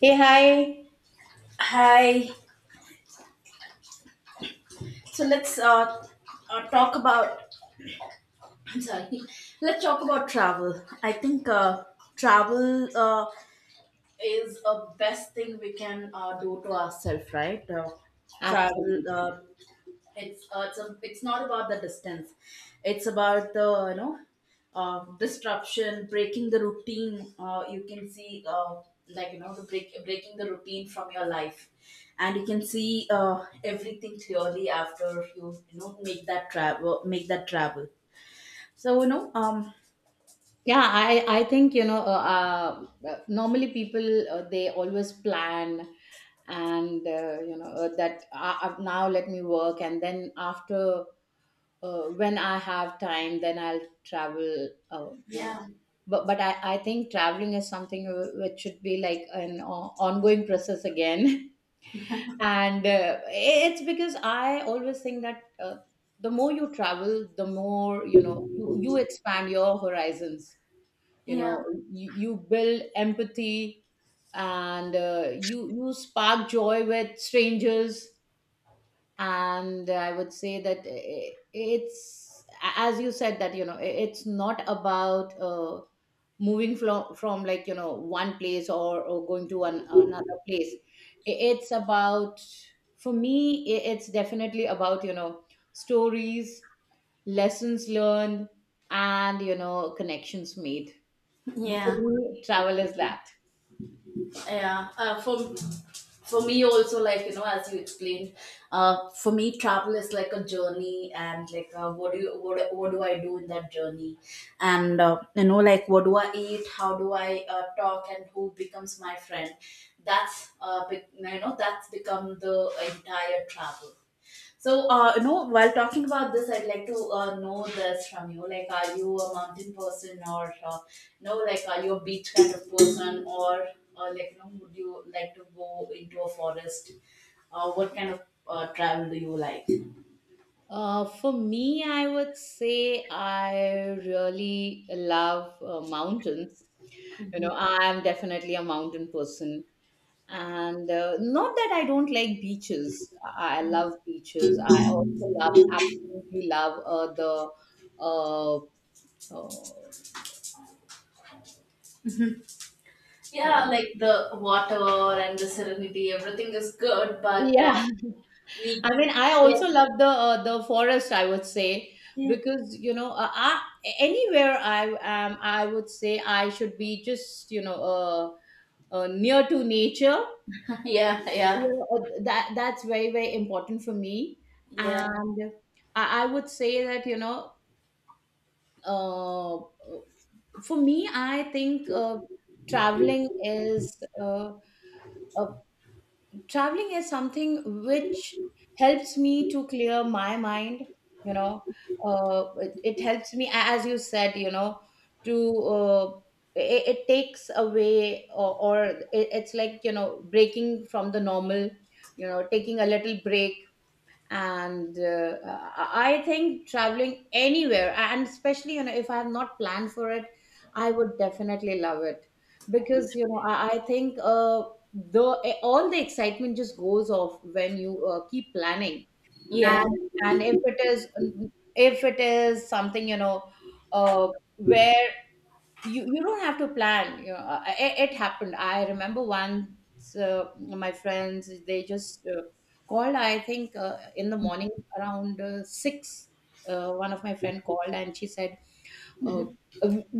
Hey, hi. Hi. So let's talk about. I'm sorry. Let's talk about travel. I think travel is a best thing we can do to ourselves, right? Travel. Absolutely. It's not about the distance, it's about the disruption, breaking the routine. You can see, like, the breaking the routine from your life, and you can see everything clearly after you you know make that travel, make that travel. so you know um Yeah, I think you know normally people they always plan and you know that now let me work, and then after when I have time then I'll travel, you know, Yeah, but I think traveling is something which should be like an ongoing process again. And it's because I always think that the more you travel the more you know you, you expand your horizons, you yeah. know, you build empathy, and you you spark joy with strangers. And I would say that it's as you said that you know it's not about moving from like you know one place or going to an, another place. It's about, for me, it's definitely about, you know, stories, lessons learned, and you know connections made. For Yeah, me travel is that. yeah. For me also, like, you know, as you explained, for me travel is like a journey, and like, what do I do in that journey, and you know, like, what do I eat, how do I talk, and who becomes my friend? That's you know, that's become the entire travel. So, you know, while talking about this, I'd like to know this from you. Like, are you a mountain person, or you know, like, are you a beach kind of person, or like, you know, would you like to go into a forest? What kind of travel do you like? For me, I would say I really love mountains. You know, Mhm. I am definitely a mountain person. And not that I don't like beaches. I love beaches. I also love, absolutely love the, uh, uh, uh, Yeah, like the water and the serenity, everything is good, but yeah. we, I mean, I also love the forest, I would say, yeah, because you know, I, anywhere I am, I would say I should be just, you know, near to nature. yeah, You yeah, know, that that's very very important for me. yeah, And I would say that you know uh, for me I think traveling is uh, uh, traveling is something which helps me to clear my mind, you know. It, it helps me, as you said, you know, to it, it takes away, or it, it's like, you know, breaking from the normal, you know, taking a little break. And I think traveling anywhere, and especially you know if I have not planned for it, I would definitely love it, because you know I think the all the excitement just goes off when you keep planning. yeah, And yeah, if it is, if it is something, you know, uh, where you don't have to plan, you know, it, it happened. I remember once my friends they just called, I think in the morning around 6. Uh, one of my friend called and she said, uh,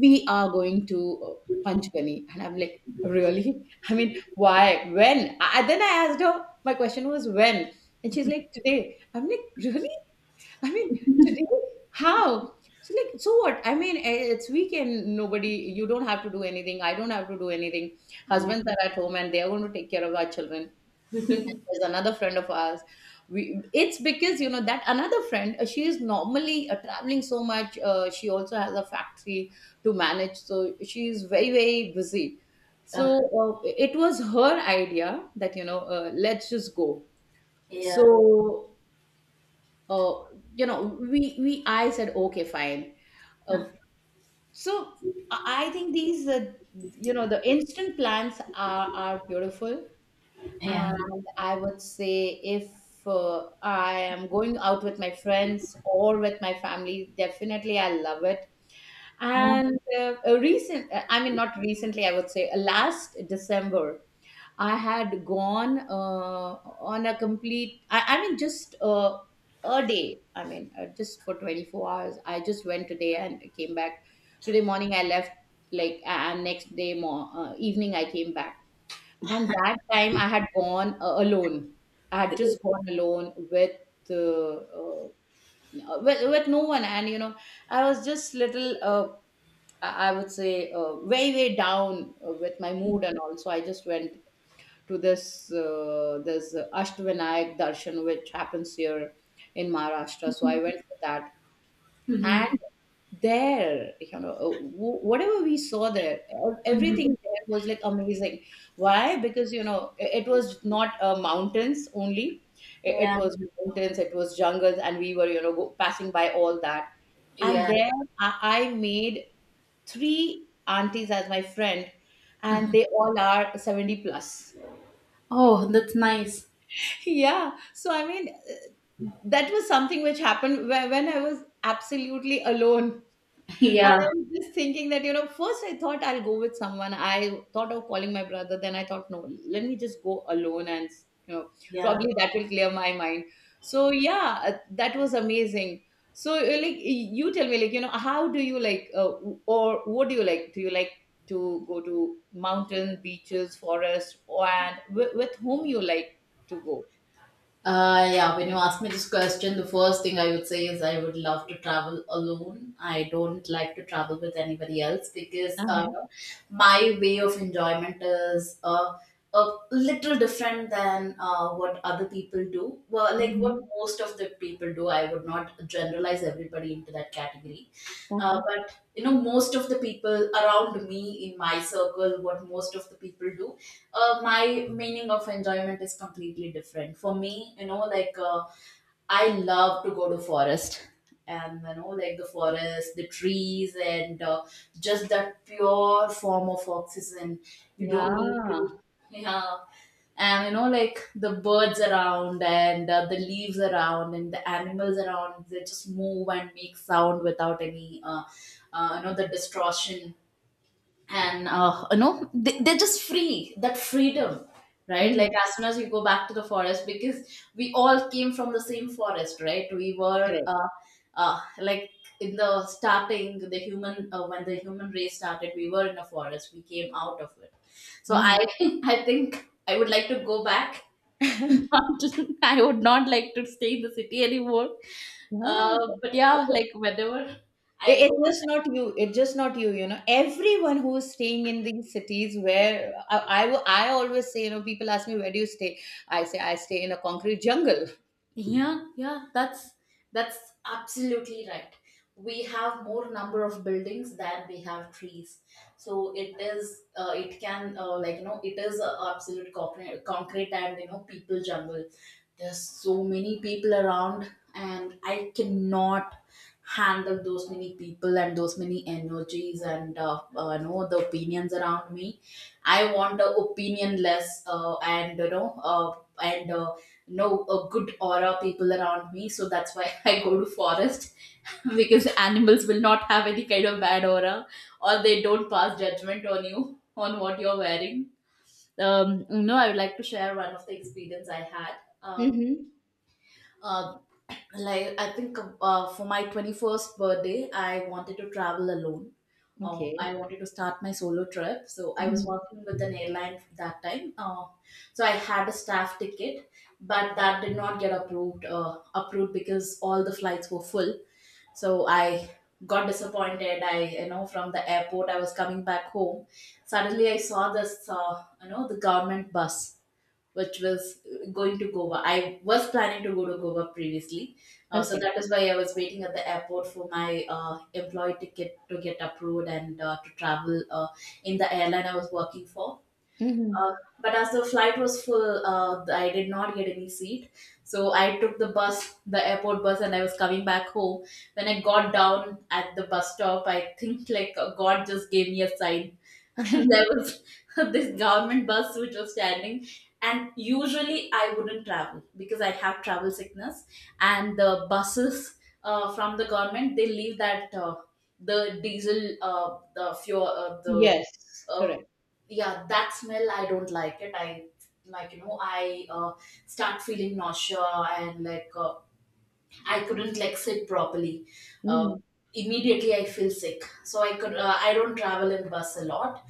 we are going to uh, Panchgani, and I'm like, really? I mean, why? When then I asked her, my question was, when? And she's like, today. I'm like, really? I mean, today, how? She's like, so what? I mean, it's weekend. Nobody, you don't have to do anything. I don't have to do anything. Husbands are at home and they are going to take care of our children. There's another friend of ours. We, it's because, you know, that another friend, she is normally traveling so much. She also has a factory to manage. So she's very, very busy. uh, So it was her idea that, you know, let's just go. yeah, So uh, you know we I said, okay, fine. Uh, so I think these you know the instant plans are beautiful. yeah, And I would say, if uh, I am going out with my friends or with my family, definitely I love it. yeah. And a recent, I mean, not recently, I would say last December I had gone on a complete, I mean, just a day. I mean, just for 24 hours. I just went today and came back. Today morning, I left, like, and next day evening, I came back. And that time, I had gone alone. I had just gone alone with. Uh, uh, with no one. And you know I was just little I would say very very down with my mood. And also, I just went to this this Ashtavinayak darshan which happens here in Maharashtra. So I went for that, and there, you know, whatever we saw there, Mhm. everything there was like amazing. Why? Because you know it was not mountains only. It Yeah. was mountains, it was jungles, and we were, you know, passing by all that. And Yeah. there, I, I made three aunties as my friend, and they all are 70 plus. Oh, that's nice. Yeah, so I mean that was something which happened when I was absolutely alone. And I Yeah. was just thinking that, you know, first I thought I'll go with someone. I thought of calling my brother, then I thought, no, let me just go alone. And you know Yeah. probably that will clear my mind. So yeah, that was amazing. So like you tell me, like, you know, how do you like or what do you like? Do you like to go to mountains, beaches, forest? Or, and with whom you like to go? Yeah, when you ask me this question, the first thing I would say is I would love to travel alone. I don't like to travel with anybody else, because my way of enjoyment is a little different than what other people do. Well, like what Mhm. most of the people do. I would not generalize everybody into that category. Uh-huh. But, you know, most of the people around me in my circle, what most of the people do, my meaning of enjoyment is completely different. For me, you know, like, I love to go to forest, and, you know, like, the forest, the trees, and just that pure form of oxygen. You don't need Yeah. to. Yeah. And, you know, like, the birds around, and the leaves around, and the animals around, they just move and make sound without any you know, the distortion. And you know, they're just free, that freedom, right? Like, Mhm. as soon as we go back to the forest, because we all came from the same forest, right? We were Correct. Like, in the starting, the human, when the human race started, we were in a forest, we came out of it. So I Mhm. I think I would like to go back. Not- I would not like to stay in the city anymore. Yeah. uh, but yeah, like, whenever I It, go. it's just not you. It's just not you. You know, everyone who's staying in these cities, where I always say, you know, people ask me, where do you stay? I say, I stay in a concrete jungle. Yeah, yeah, that's absolutely right. We have more number of buildings than we have trees, so it is, it can like, you know, it is a absolute concrete, and, you know, people jungle. There's so many people around, and I cannot handle those many people and those many energies, and you know, the opinions around me. I want the opinionless, and, you know, and no, a good aura people around me, so that's why I go to forest. Because animals will not have any kind of bad aura, or they don't pass judgment on you on what you're wearing. No, I would like to share one of the experience I had. uh, Mm-hmm. uh, like, I think for my 21st birthday I wanted to travel alone. Okay. I wanted to start my solo trip. So I was Mm-hmm. working with an airline that time. So I had a staff ticket, but that did not get approved because all the flights were full. So I got disappointed, I, from the airport I was coming back home. Suddenly I saw this, you know, the government bus which was going to Goa. I was planning to go to Goa previously, so Okay. that is why I was waiting at the airport for my employee ticket to get approved, and to travel in the airline I was working for. Mm-hmm. Uh, but as the flight was full, I did not get any seat. So I took the bus, the airport bus, and I was coming back home. When I got down at the bus stop, I think, like, God just gave me a sign, and there was this government bus which was standing, and usually I wouldn't travel because I have travel sickness, and the buses, from the government, they leave that, the diesel, the fuel, the, Yes, uh, correct. yeah, that smell, I don't like it. I, like, you know, I, start feeling nausea, and like, I couldn't like sit properly. uh, Hmm. Immediately I feel sick. So I don't travel in bus a lot.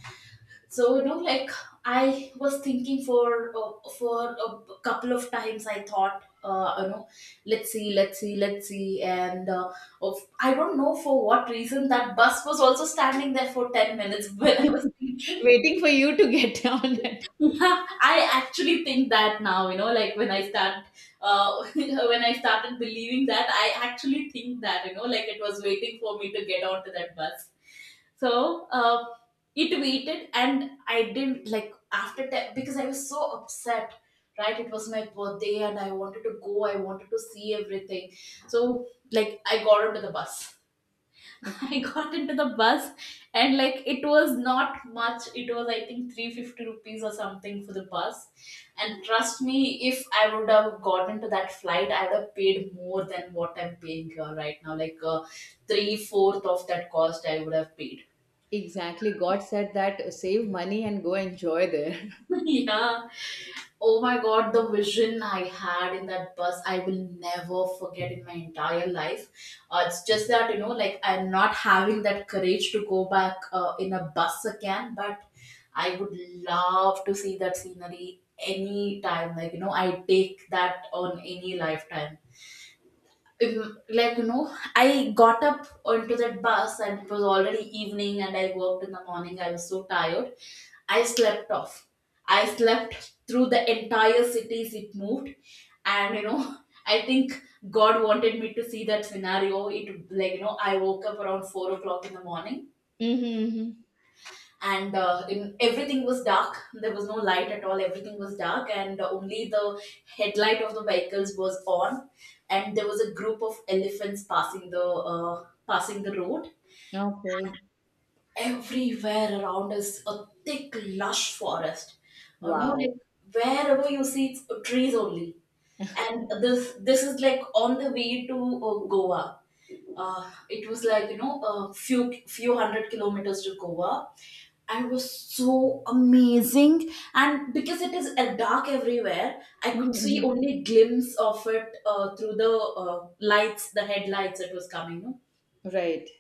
So, you know, like, I was thinking for, for a couple of times I thought, you know, let's see, let's see, let's see. And, I don't know for what reason, that bus was also standing there for 10 minutes when I was thinking. Waiting for you to get down it. I actually think that now, you know, like, when I start, when I started believing that, I actually think that, you know, like, it was waiting for me to get onto that bus. So it waited, and I didn't like after that because I was so upset. Right, it was my birthday, and I wanted to go. I wanted to see everything. So, like, I got onto the bus. I got into the bus, and like, it was not much. It was, I think, 350 rupees or something for the bus. And trust me, if I would have gotten to that flight, I would have paid more than what I'm paying here right now. Like, three fourth of that cost I would have paid. Exactly. God said that save money and go enjoy there. Yeah. Oh my god, the vision I had in that bus, I will never forget in my entire life. It's just that, you know, like, I'm not having that courage to go back in a bus again, but I would love to see that scenery anytime. Like, you know, I take that on any lifetime. Like, you know, I got up onto that bus, and it was already evening, and I worked in the morning, I was so tired. I slept off. I slept through the entire city as it moved, and, you know, I think god wanted me to see that scenario. It, like, you know, I woke up around 4 o'clock in the morning, Mm-hmm. and everything was dark. There was no light at all, everything was dark, and only the headlight of the vehicles was on. And there was a group of elephants passing the road. Okay. Everywhere around us, a thick lush forest. You know, Wow. like, wherever you see, it's trees only. And this is like on the way to Goa. It was like, you know, a few hundred kilometers to Goa. And it was so amazing. And because it is dark everywhere, I Mhm, could see mhm. only glimpse of it through the lights, the headlights that was coming, no? Right.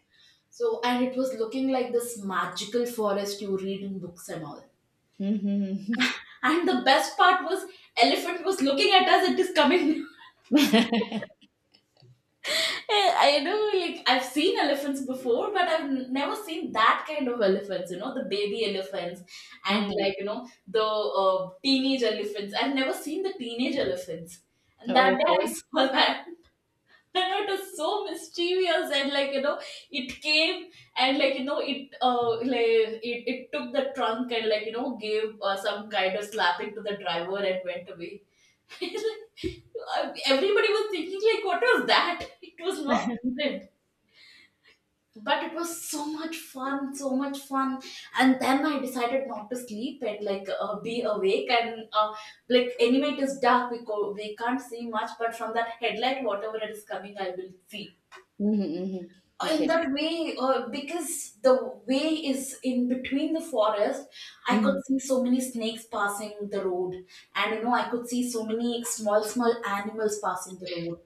So, and it was looking like this magical forest you read in books and all. Mhm, mhm. And the best part was, elephant was looking at us. It is coming. I know, like, I've seen elephants before, but I've never seen that kind of elephants. You know, the baby elephants, and, Uh-huh. like, you know, the teenage elephants. I've never seen the teenage elephants. And that day I Okay. saw that, and it was so mischievous. And like it came, and like it like it took the trunk, and like gave some kind of slapping to the driver and went away. Everybody was thinking like, what was that? It was not needed, but it was so much fun, so much fun. And then I decided not to sleep and like be awake, and like anyway, it is dark. We can't see much, but from that headlight, whatever it is coming, I will see Mhm, mhm. In Okay. that way, because the way is in between the forest. I could Mhm, see so many snakes passing the road, and I could see so many small small animals passing the road,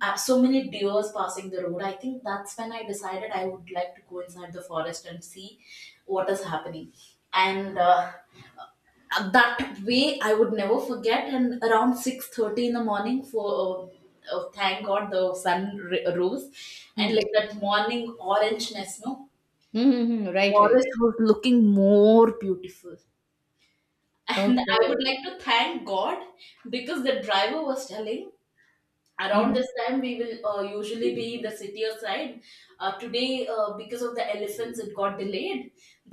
so many deers passing the road. I think that's when I decided I would like to go inside the forest and see what is happening. And that way I would never forget. And around 6:30 in the morning, for thank God, the sun rose. And mhm. like that morning orangeness, no, Mhm, mhm. Right, right. forest was looking more beautiful, and I Okay. would like to thank God because the driver was telling, around Uh-huh. this time we will usually be in the city side. Today, because of the elephants, it got delayed.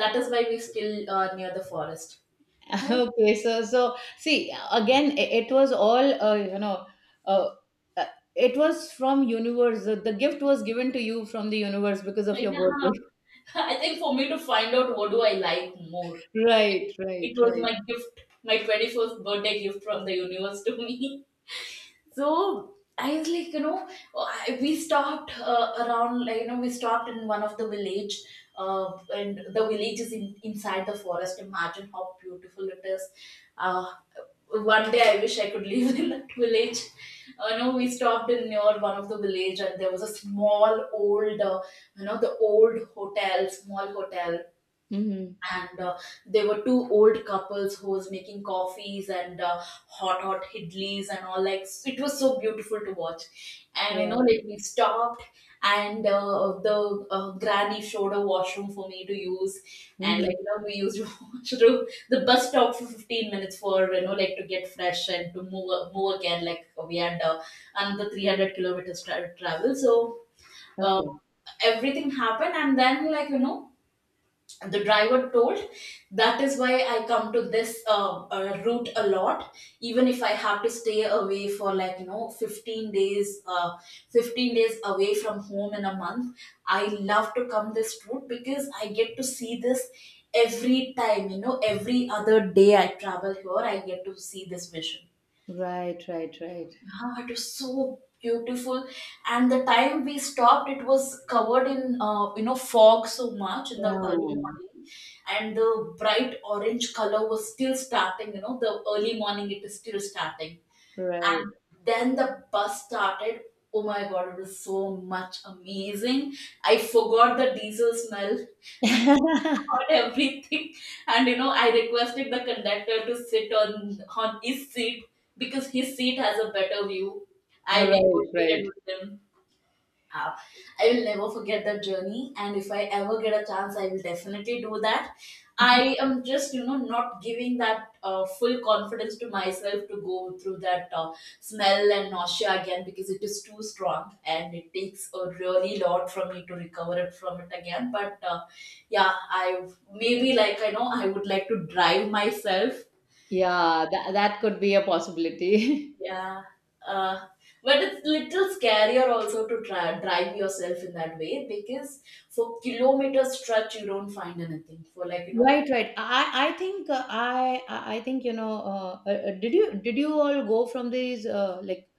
That is why we still near the forest. Okay. So, so see again, it was all you know. Uh, uh, it was from universe. The gift was given to you from the universe because of your Yeah. birthday. I think for me to find out, what do I like more? Right, right, It was right. my gift, my 21st birthday gift from the universe to me. So I was like, we stopped around, like, we stopped in one of the village, and the village is inside the forest. Imagine how beautiful it is. Uh, One day I wish I could live in that village. No, we stopped in near one of the village, and there was a small old, the old hotel, small hotel. Mm-hmm. And there were two old couples who was making coffees and hot hot idlis and all. Like, it was so beautiful to watch. And Right. like we stopped, and the granny showed a washroom for me to use. And Mm-hmm. like we used washroom. The bus stopped for 15 minutes for like, to get fresh and to move again. Like, we had another 300 kilometers travel, so uh, Okay. everything happened. And then, like, the driver told, that is why I come to this route a lot. Even if I have to stay away for like, 15 days, 15 days away from home in a month, I love to come this route because I get to see this every time. Every other day I travel here, I get to see this vision. Right, right, right. Wow, it was so beautiful. And the time we stopped, it was covered in fog so much in the Yeah. early morning, and the bright orange color was still starting. The early morning it is still starting, Right. and then the bus started. Oh my God, it was so much amazing. I forgot the diesel smell about everything. And I requested the conductor to sit on his seat because his seat has a better view. I Right, negotiated right. with him. uh, I will never forget that journey, and if I ever get a chance, I will definitely do that. I am just, not giving that full confidence to myself to go through that smell and nausea again because it is too strong and it takes a really lot from me to recover it from it again. But yeah, I maybe, like, I know I would like to drive myself, Yeah, that, that could be a possibility. yeah. Uh, but it's little scarier also to try, drive yourself in that way because for kilometer stretch you don't find anything for like. Right, right. I think I think you know. Did you, did you all go from these like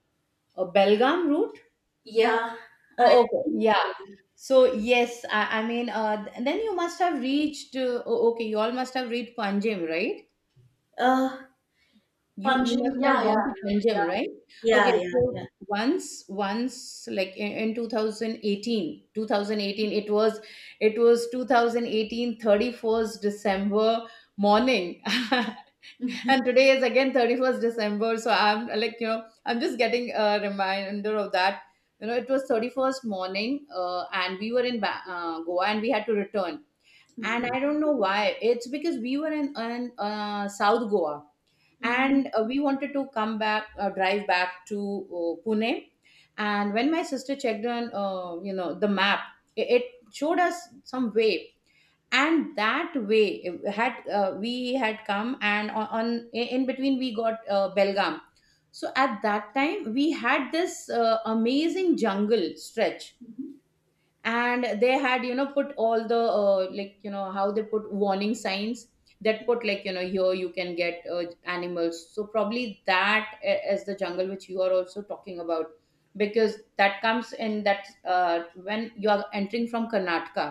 Belgaum route? Yeah, Oh, I okay. think Yeah. so. So yes, I mean, then you must have reached. Okay, you all must have reached Panjim, right? Uh, You must Punching, have yeah, gone yeah, to Panjim, right? Okay, yeah, yeah, so yeah, once like in 2018, it was, it was 2018, 31st December morning. And today is again 31st December, so I'm like, you know, I'm just getting a reminder of that. You know, it was 31st morning, and we were in Goa, and we had to return. And yeah. I don't know why. It's because we were in South Goa, Hmm. and we wanted to come back, drive back to Pune. And when my sister checked on you know the map, it showed us some way, and that way had we had come, and on in between we got Belgaum. So at that time we had this amazing jungle stretch, and they had, you know, put all the like you know how they put warning signs, that put, like you know, here you can get animals. So probably that is the jungle which you are also talking about, because that comes in that when you are entering from Karnataka.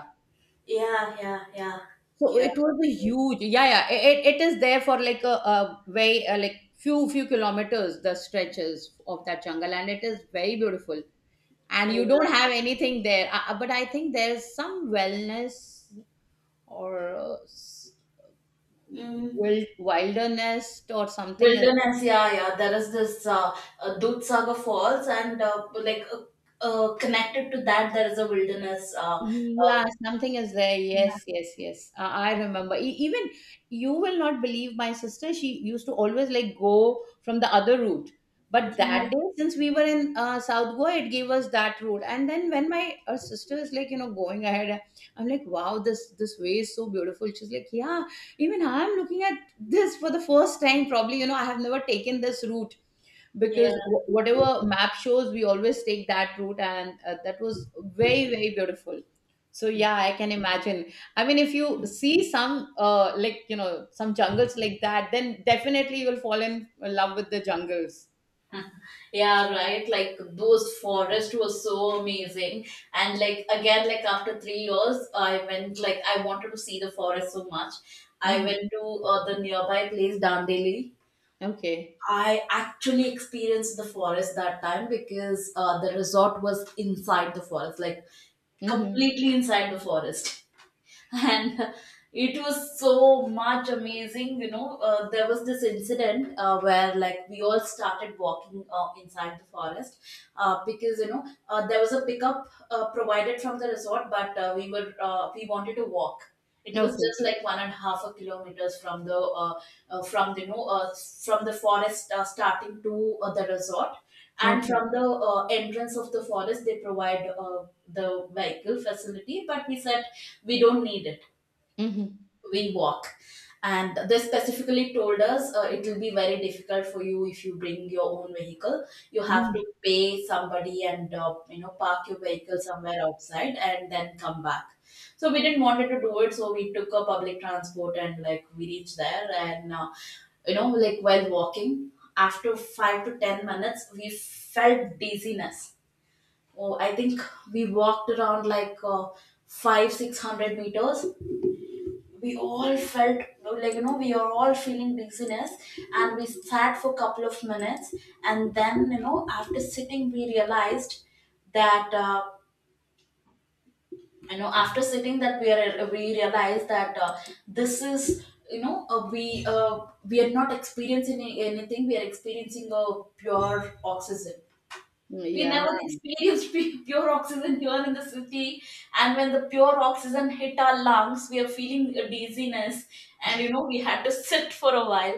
Yeah, yeah, yeah, So yeah, it was a huge, yeah yeah, it, it is there for like a very like few kilometers, the stretches of that jungle, and it is very beautiful. And yeah. you don't have anything there. But I think there's some wellness or Mm. wild, wilderness or something is. Wilderness, yeah, yeah. There is this Dudhsagar Falls, and like connected to that, there is a wilderness. Yeah, something is there. Yes, uh, yes, yes. I remember. Even you will not believe my sister. She used to always like go from the other route. But Yeah, that day, since we were in South Goa, it gave us that route. And then when my sister is like, you know, going ahead, I'm like, wow, this way is so beautiful. She's like, yeah, even I'm looking at this for the first time. Probably, you know, I have never taken this route, yeah, because whatever map shows we always take that route. And that was very very beautiful. So yeah, I can imagine. I mean, if you see some like you know some jungles like that, then definitely you will fall in love with the jungles. yeah, right. Like, those forest was so amazing. And like again, like after 3 years, I went, like, I wanted to see the forest so much. I Mhm. went to the nearby place Dandeli. Okay. I actually experienced the forest that time because the resort was inside the forest, like Hmm. completely inside the forest. And it was so much amazing. There was this incident where like we all started walking inside the forest because there was a pickup provided from the resort, but we wanted to walk. It was Okay. just like 1.5 a kilometers from the you know from the forest starting to the resort. And Okay. from the entrance of the forest they provide the vehicle facility. But we said we don't need it. Hmm. We walk. And they specifically told us, it will be very difficult for you if you bring your own vehicle. You have to Hmm. pay somebody and park your vehicle somewhere outside and then come back. So we didn't wanted to do it, so we took a public transport. And like we reached there, and like, while walking after 5 to 10 minutes we felt dizziness. Oh, I think we walked around like 5 600 meters. We all felt like we are all feeling dizziness. And we sat for a couple of minutes, and then after sitting we realized that after sitting that we realized that this is we are not experiencing anything. We are experiencing a pure oxygen. We Yeah. never experienced pure oxygen here in the city. And when the pure oxygen hit our lungs, we are feeling a dizziness, and we had to sit for a while.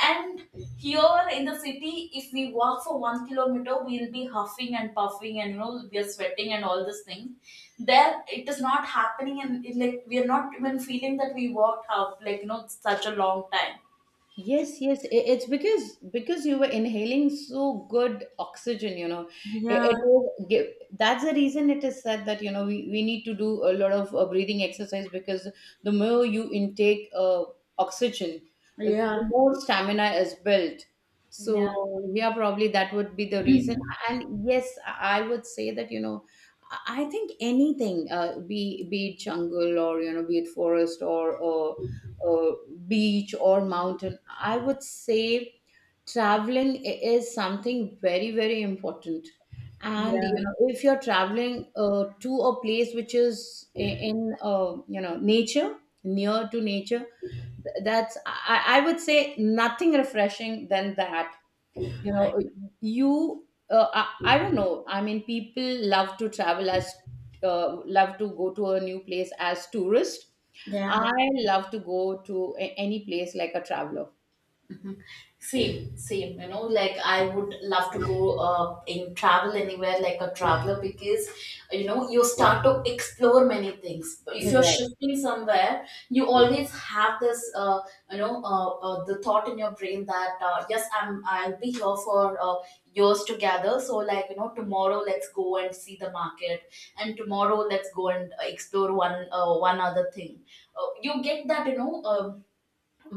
And here in the city, if we walk for 1 kilometer, we'll be huffing and puffing, and we are sweating and all these things. There, it is not happening, and it, like, we are not even feeling that we walked half, like such a long time. Yes, yes. It's because you were inhaling so good oxygen, you know. It Yeah, will give, that's the reason it is said that, you know, we need to do a lot of breathing exercise, because the more you intake oxygen, the yeah. more stamina is built. Yeah. So yeah, probably that would be the reason. Mm. And yes, I would say that you know I think anything, be it jungle or you know be it forest or uh, beach or mountain. I would say traveling is something very, very important. And you Yeah, know if you're traveling to a place which is in, you know, nature, near to nature, that's, I would say, nothing refreshing than that, you I, know. I don't know. I mean, people love to travel as, love to go to a new place as tourist. yeah. I love to go to any place like a traveler. Mhm. Same, same. Like I would love to go in travel anywhere like a traveler because you start to explore many things. But if you're Correct. shifting somewhere, you always have this the thought in your brain that yes, I'll be here for years together. So like, tomorrow let's go and see the market, and tomorrow let's go and explore one other thing. You get that.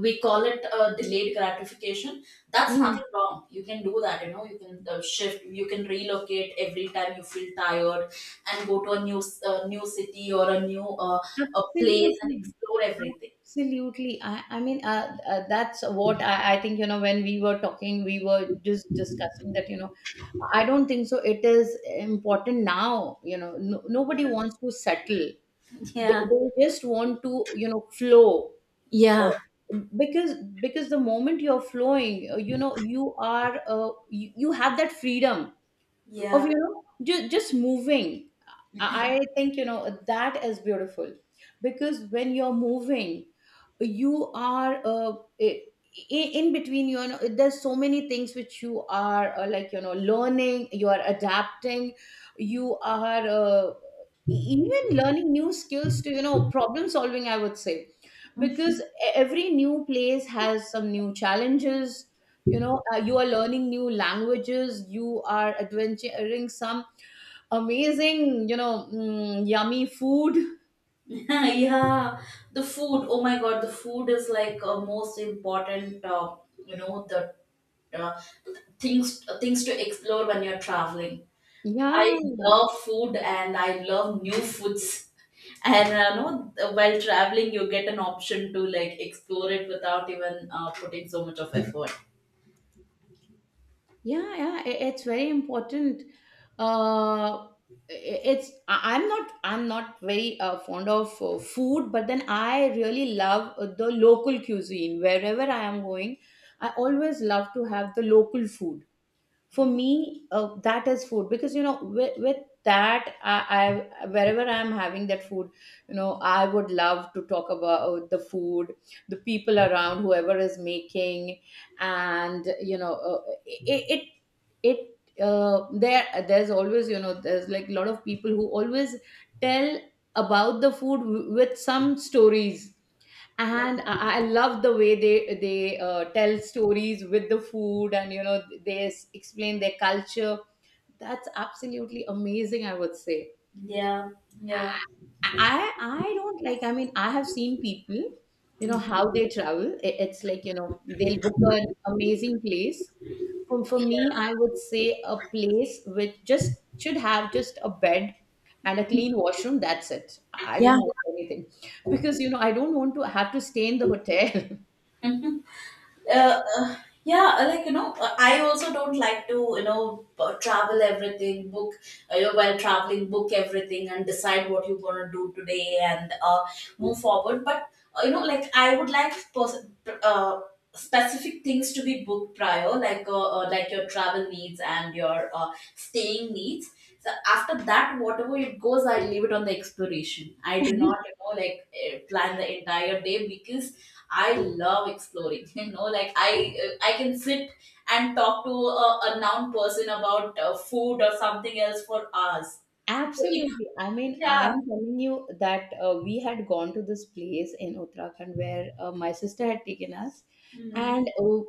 We call it delayed gratification. That's Mm, nothing wrong. You can do that, you can shift, you can relocate every time you feel tired and go to a new city or a place and absolutely. explore everything. Absolutely. I mean, that's what I think, you know, when we were talking, we were just discussing that, you know, I don't think so. It is important now, you know, no, nobody wants to settle. they, Yeah, they just want to you know flow, yeah, uh, because the moment you're flowing, you know, you have that freedom of, yeah. you know, just moving. I think, you know, that is beautiful, because when you're moving, you are, i- in between, you know, there's so many things which you are, like, you know, learning. You are adapting, you are, even learning new skills to, you know, problem solving, I would say, because every new place has some new challenges. You know, you are learning new languages, you are adventuring some amazing, you know, yummy food. Yeah, the food, oh my God, the food is like a most important the uh, things to explore when you're traveling. Yeah, I love food and I love new foods. And no, while traveling, you get an option to like explore it without even putting so much of effort. yeah, yeah, it's very important. uh it's, I'm not very, fond of, food, but then I really love, the local cuisine wherever I am going. I always love to have the local food. For Oh. me, that is food, because you know with that I, wherever I'm having that food, you know, I would love to talk about the food, the people around, whoever is making, and you know, it it, it there there's always, you know, there's like a lot of people who always tell about the food with some stories. And I love the way they, tell stories with the food, and you know they explain their culture. That's absolutely amazing, I would say. Yeah, yeah. I don't like. I mean, I have seen people, you know, how they travel. It's like, you know, they'll book an amazing place. For me, I would say a place which just should have just a bed and a clean washroom. That's it. I don't Yeah. want anything, because you know I don't want to have to stay in the hotel. Mhm. uh, uh, yeah, like, I also don't like to travel everything, book while traveling, book everything and decide what you're gonna do today, and move forward. But like, I would like uh, specific things to be booked prior, like your travel needs and your staying needs. So after that, whatever it goes, I leave it on the exploration. I do not like, plan the entire day because I love exploring. Like I can sit and talk to a noun person about food or something else for hours. So it, Absolutely. I mean, yeah. I'm telling you that, we had gone to this place in Uttarakhand where, my sister had taken us, Mm. and,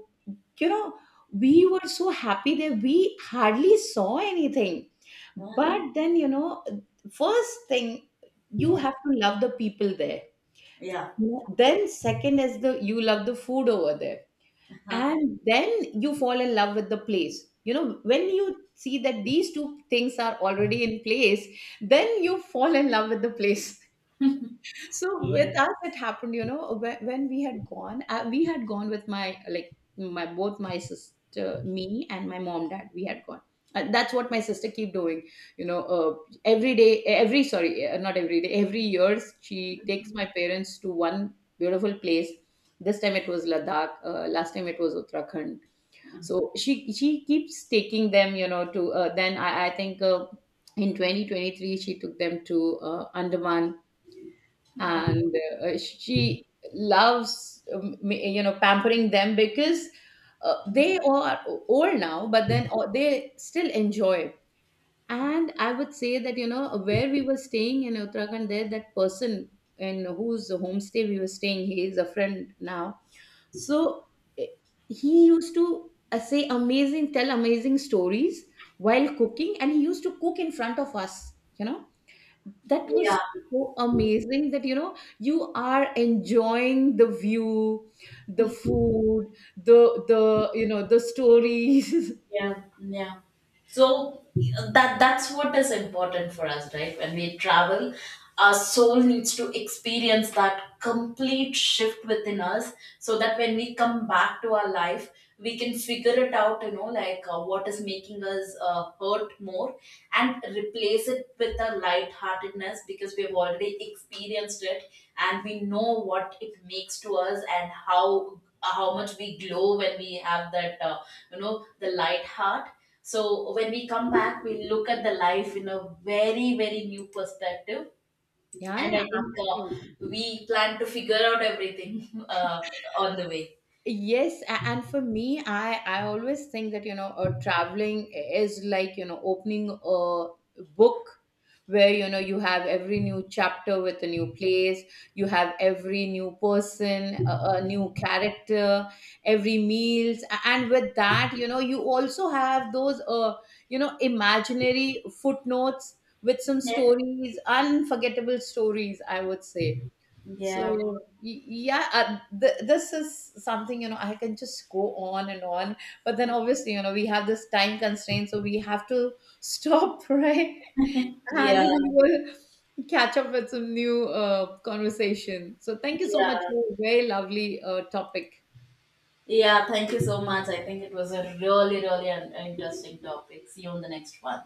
you know, we were so happy that we hardly saw anything. But then, you know, first thing, you Yeah. have to love the people there. Yeah. Yeah. You then, second is the, you love the food over there, and then you fall in love with the place, you know, when Yeah. you see that these two things are already in place, then you fall in love with the place. So Yeah. with us it happened, you know, when we had gone, we had gone with my, like, my both my sister, me and my mom, dad, we had gone. And that's what my sister keep doing, you know, every day, every, sorry, not every day, every year she takes my parents to one beautiful place. This time it was Ladakh, last time it was Uttarakhand. So she keeps taking them, you know, to, then I think, in 2023 she took them to, Andaman. Oh, And, she loves, you know, pampering them, because, they are old now, but then, they still enjoy it. And I would say that, you know, where we were staying in Uttarakhand, there, that person in whose homestay we were staying, he is a friend now. So, eh, he used to, tell amazing stories while cooking, and he used to cook in front of us. You know, that was yeah. so amazing that, you know, you are enjoying the view, the food, the, you know, the stories. Yeah, yeah. So that's what is important for us, right? When we travel, our soul needs to experience that complete shift within us, so that when we come back to our life, we can figure it out. What is making us hurt more, and replace it with a lightheartedness because we've already experienced it, and we know what it makes to us and how much we glow when we have that. The light heart, so when we come back we look at the life in a very very new perspective. Yeah, And yeah, I think absolutely. we plan to figure out everything, on the way. Yes, and for me, I always think that, you know, traveling is like, you know, opening a book, where, you know, you have every new chapter with a new place. You have every new person, a new character, every meals, and with that, you know, you also have those, you know, imaginary footnotes with some stories, unforgettable stories, I would say. So Yeah. Yeah, this is something, you know, I can just go on and on, but then obviously you know we have this time constraint, so we have to stop, right? And Yeah, we will catch up with some new, conversation. So thank you so much yeah, for a very lovely, topic. yeah. Thank you so much. I think it was a really really interesting topic. See you on the next one.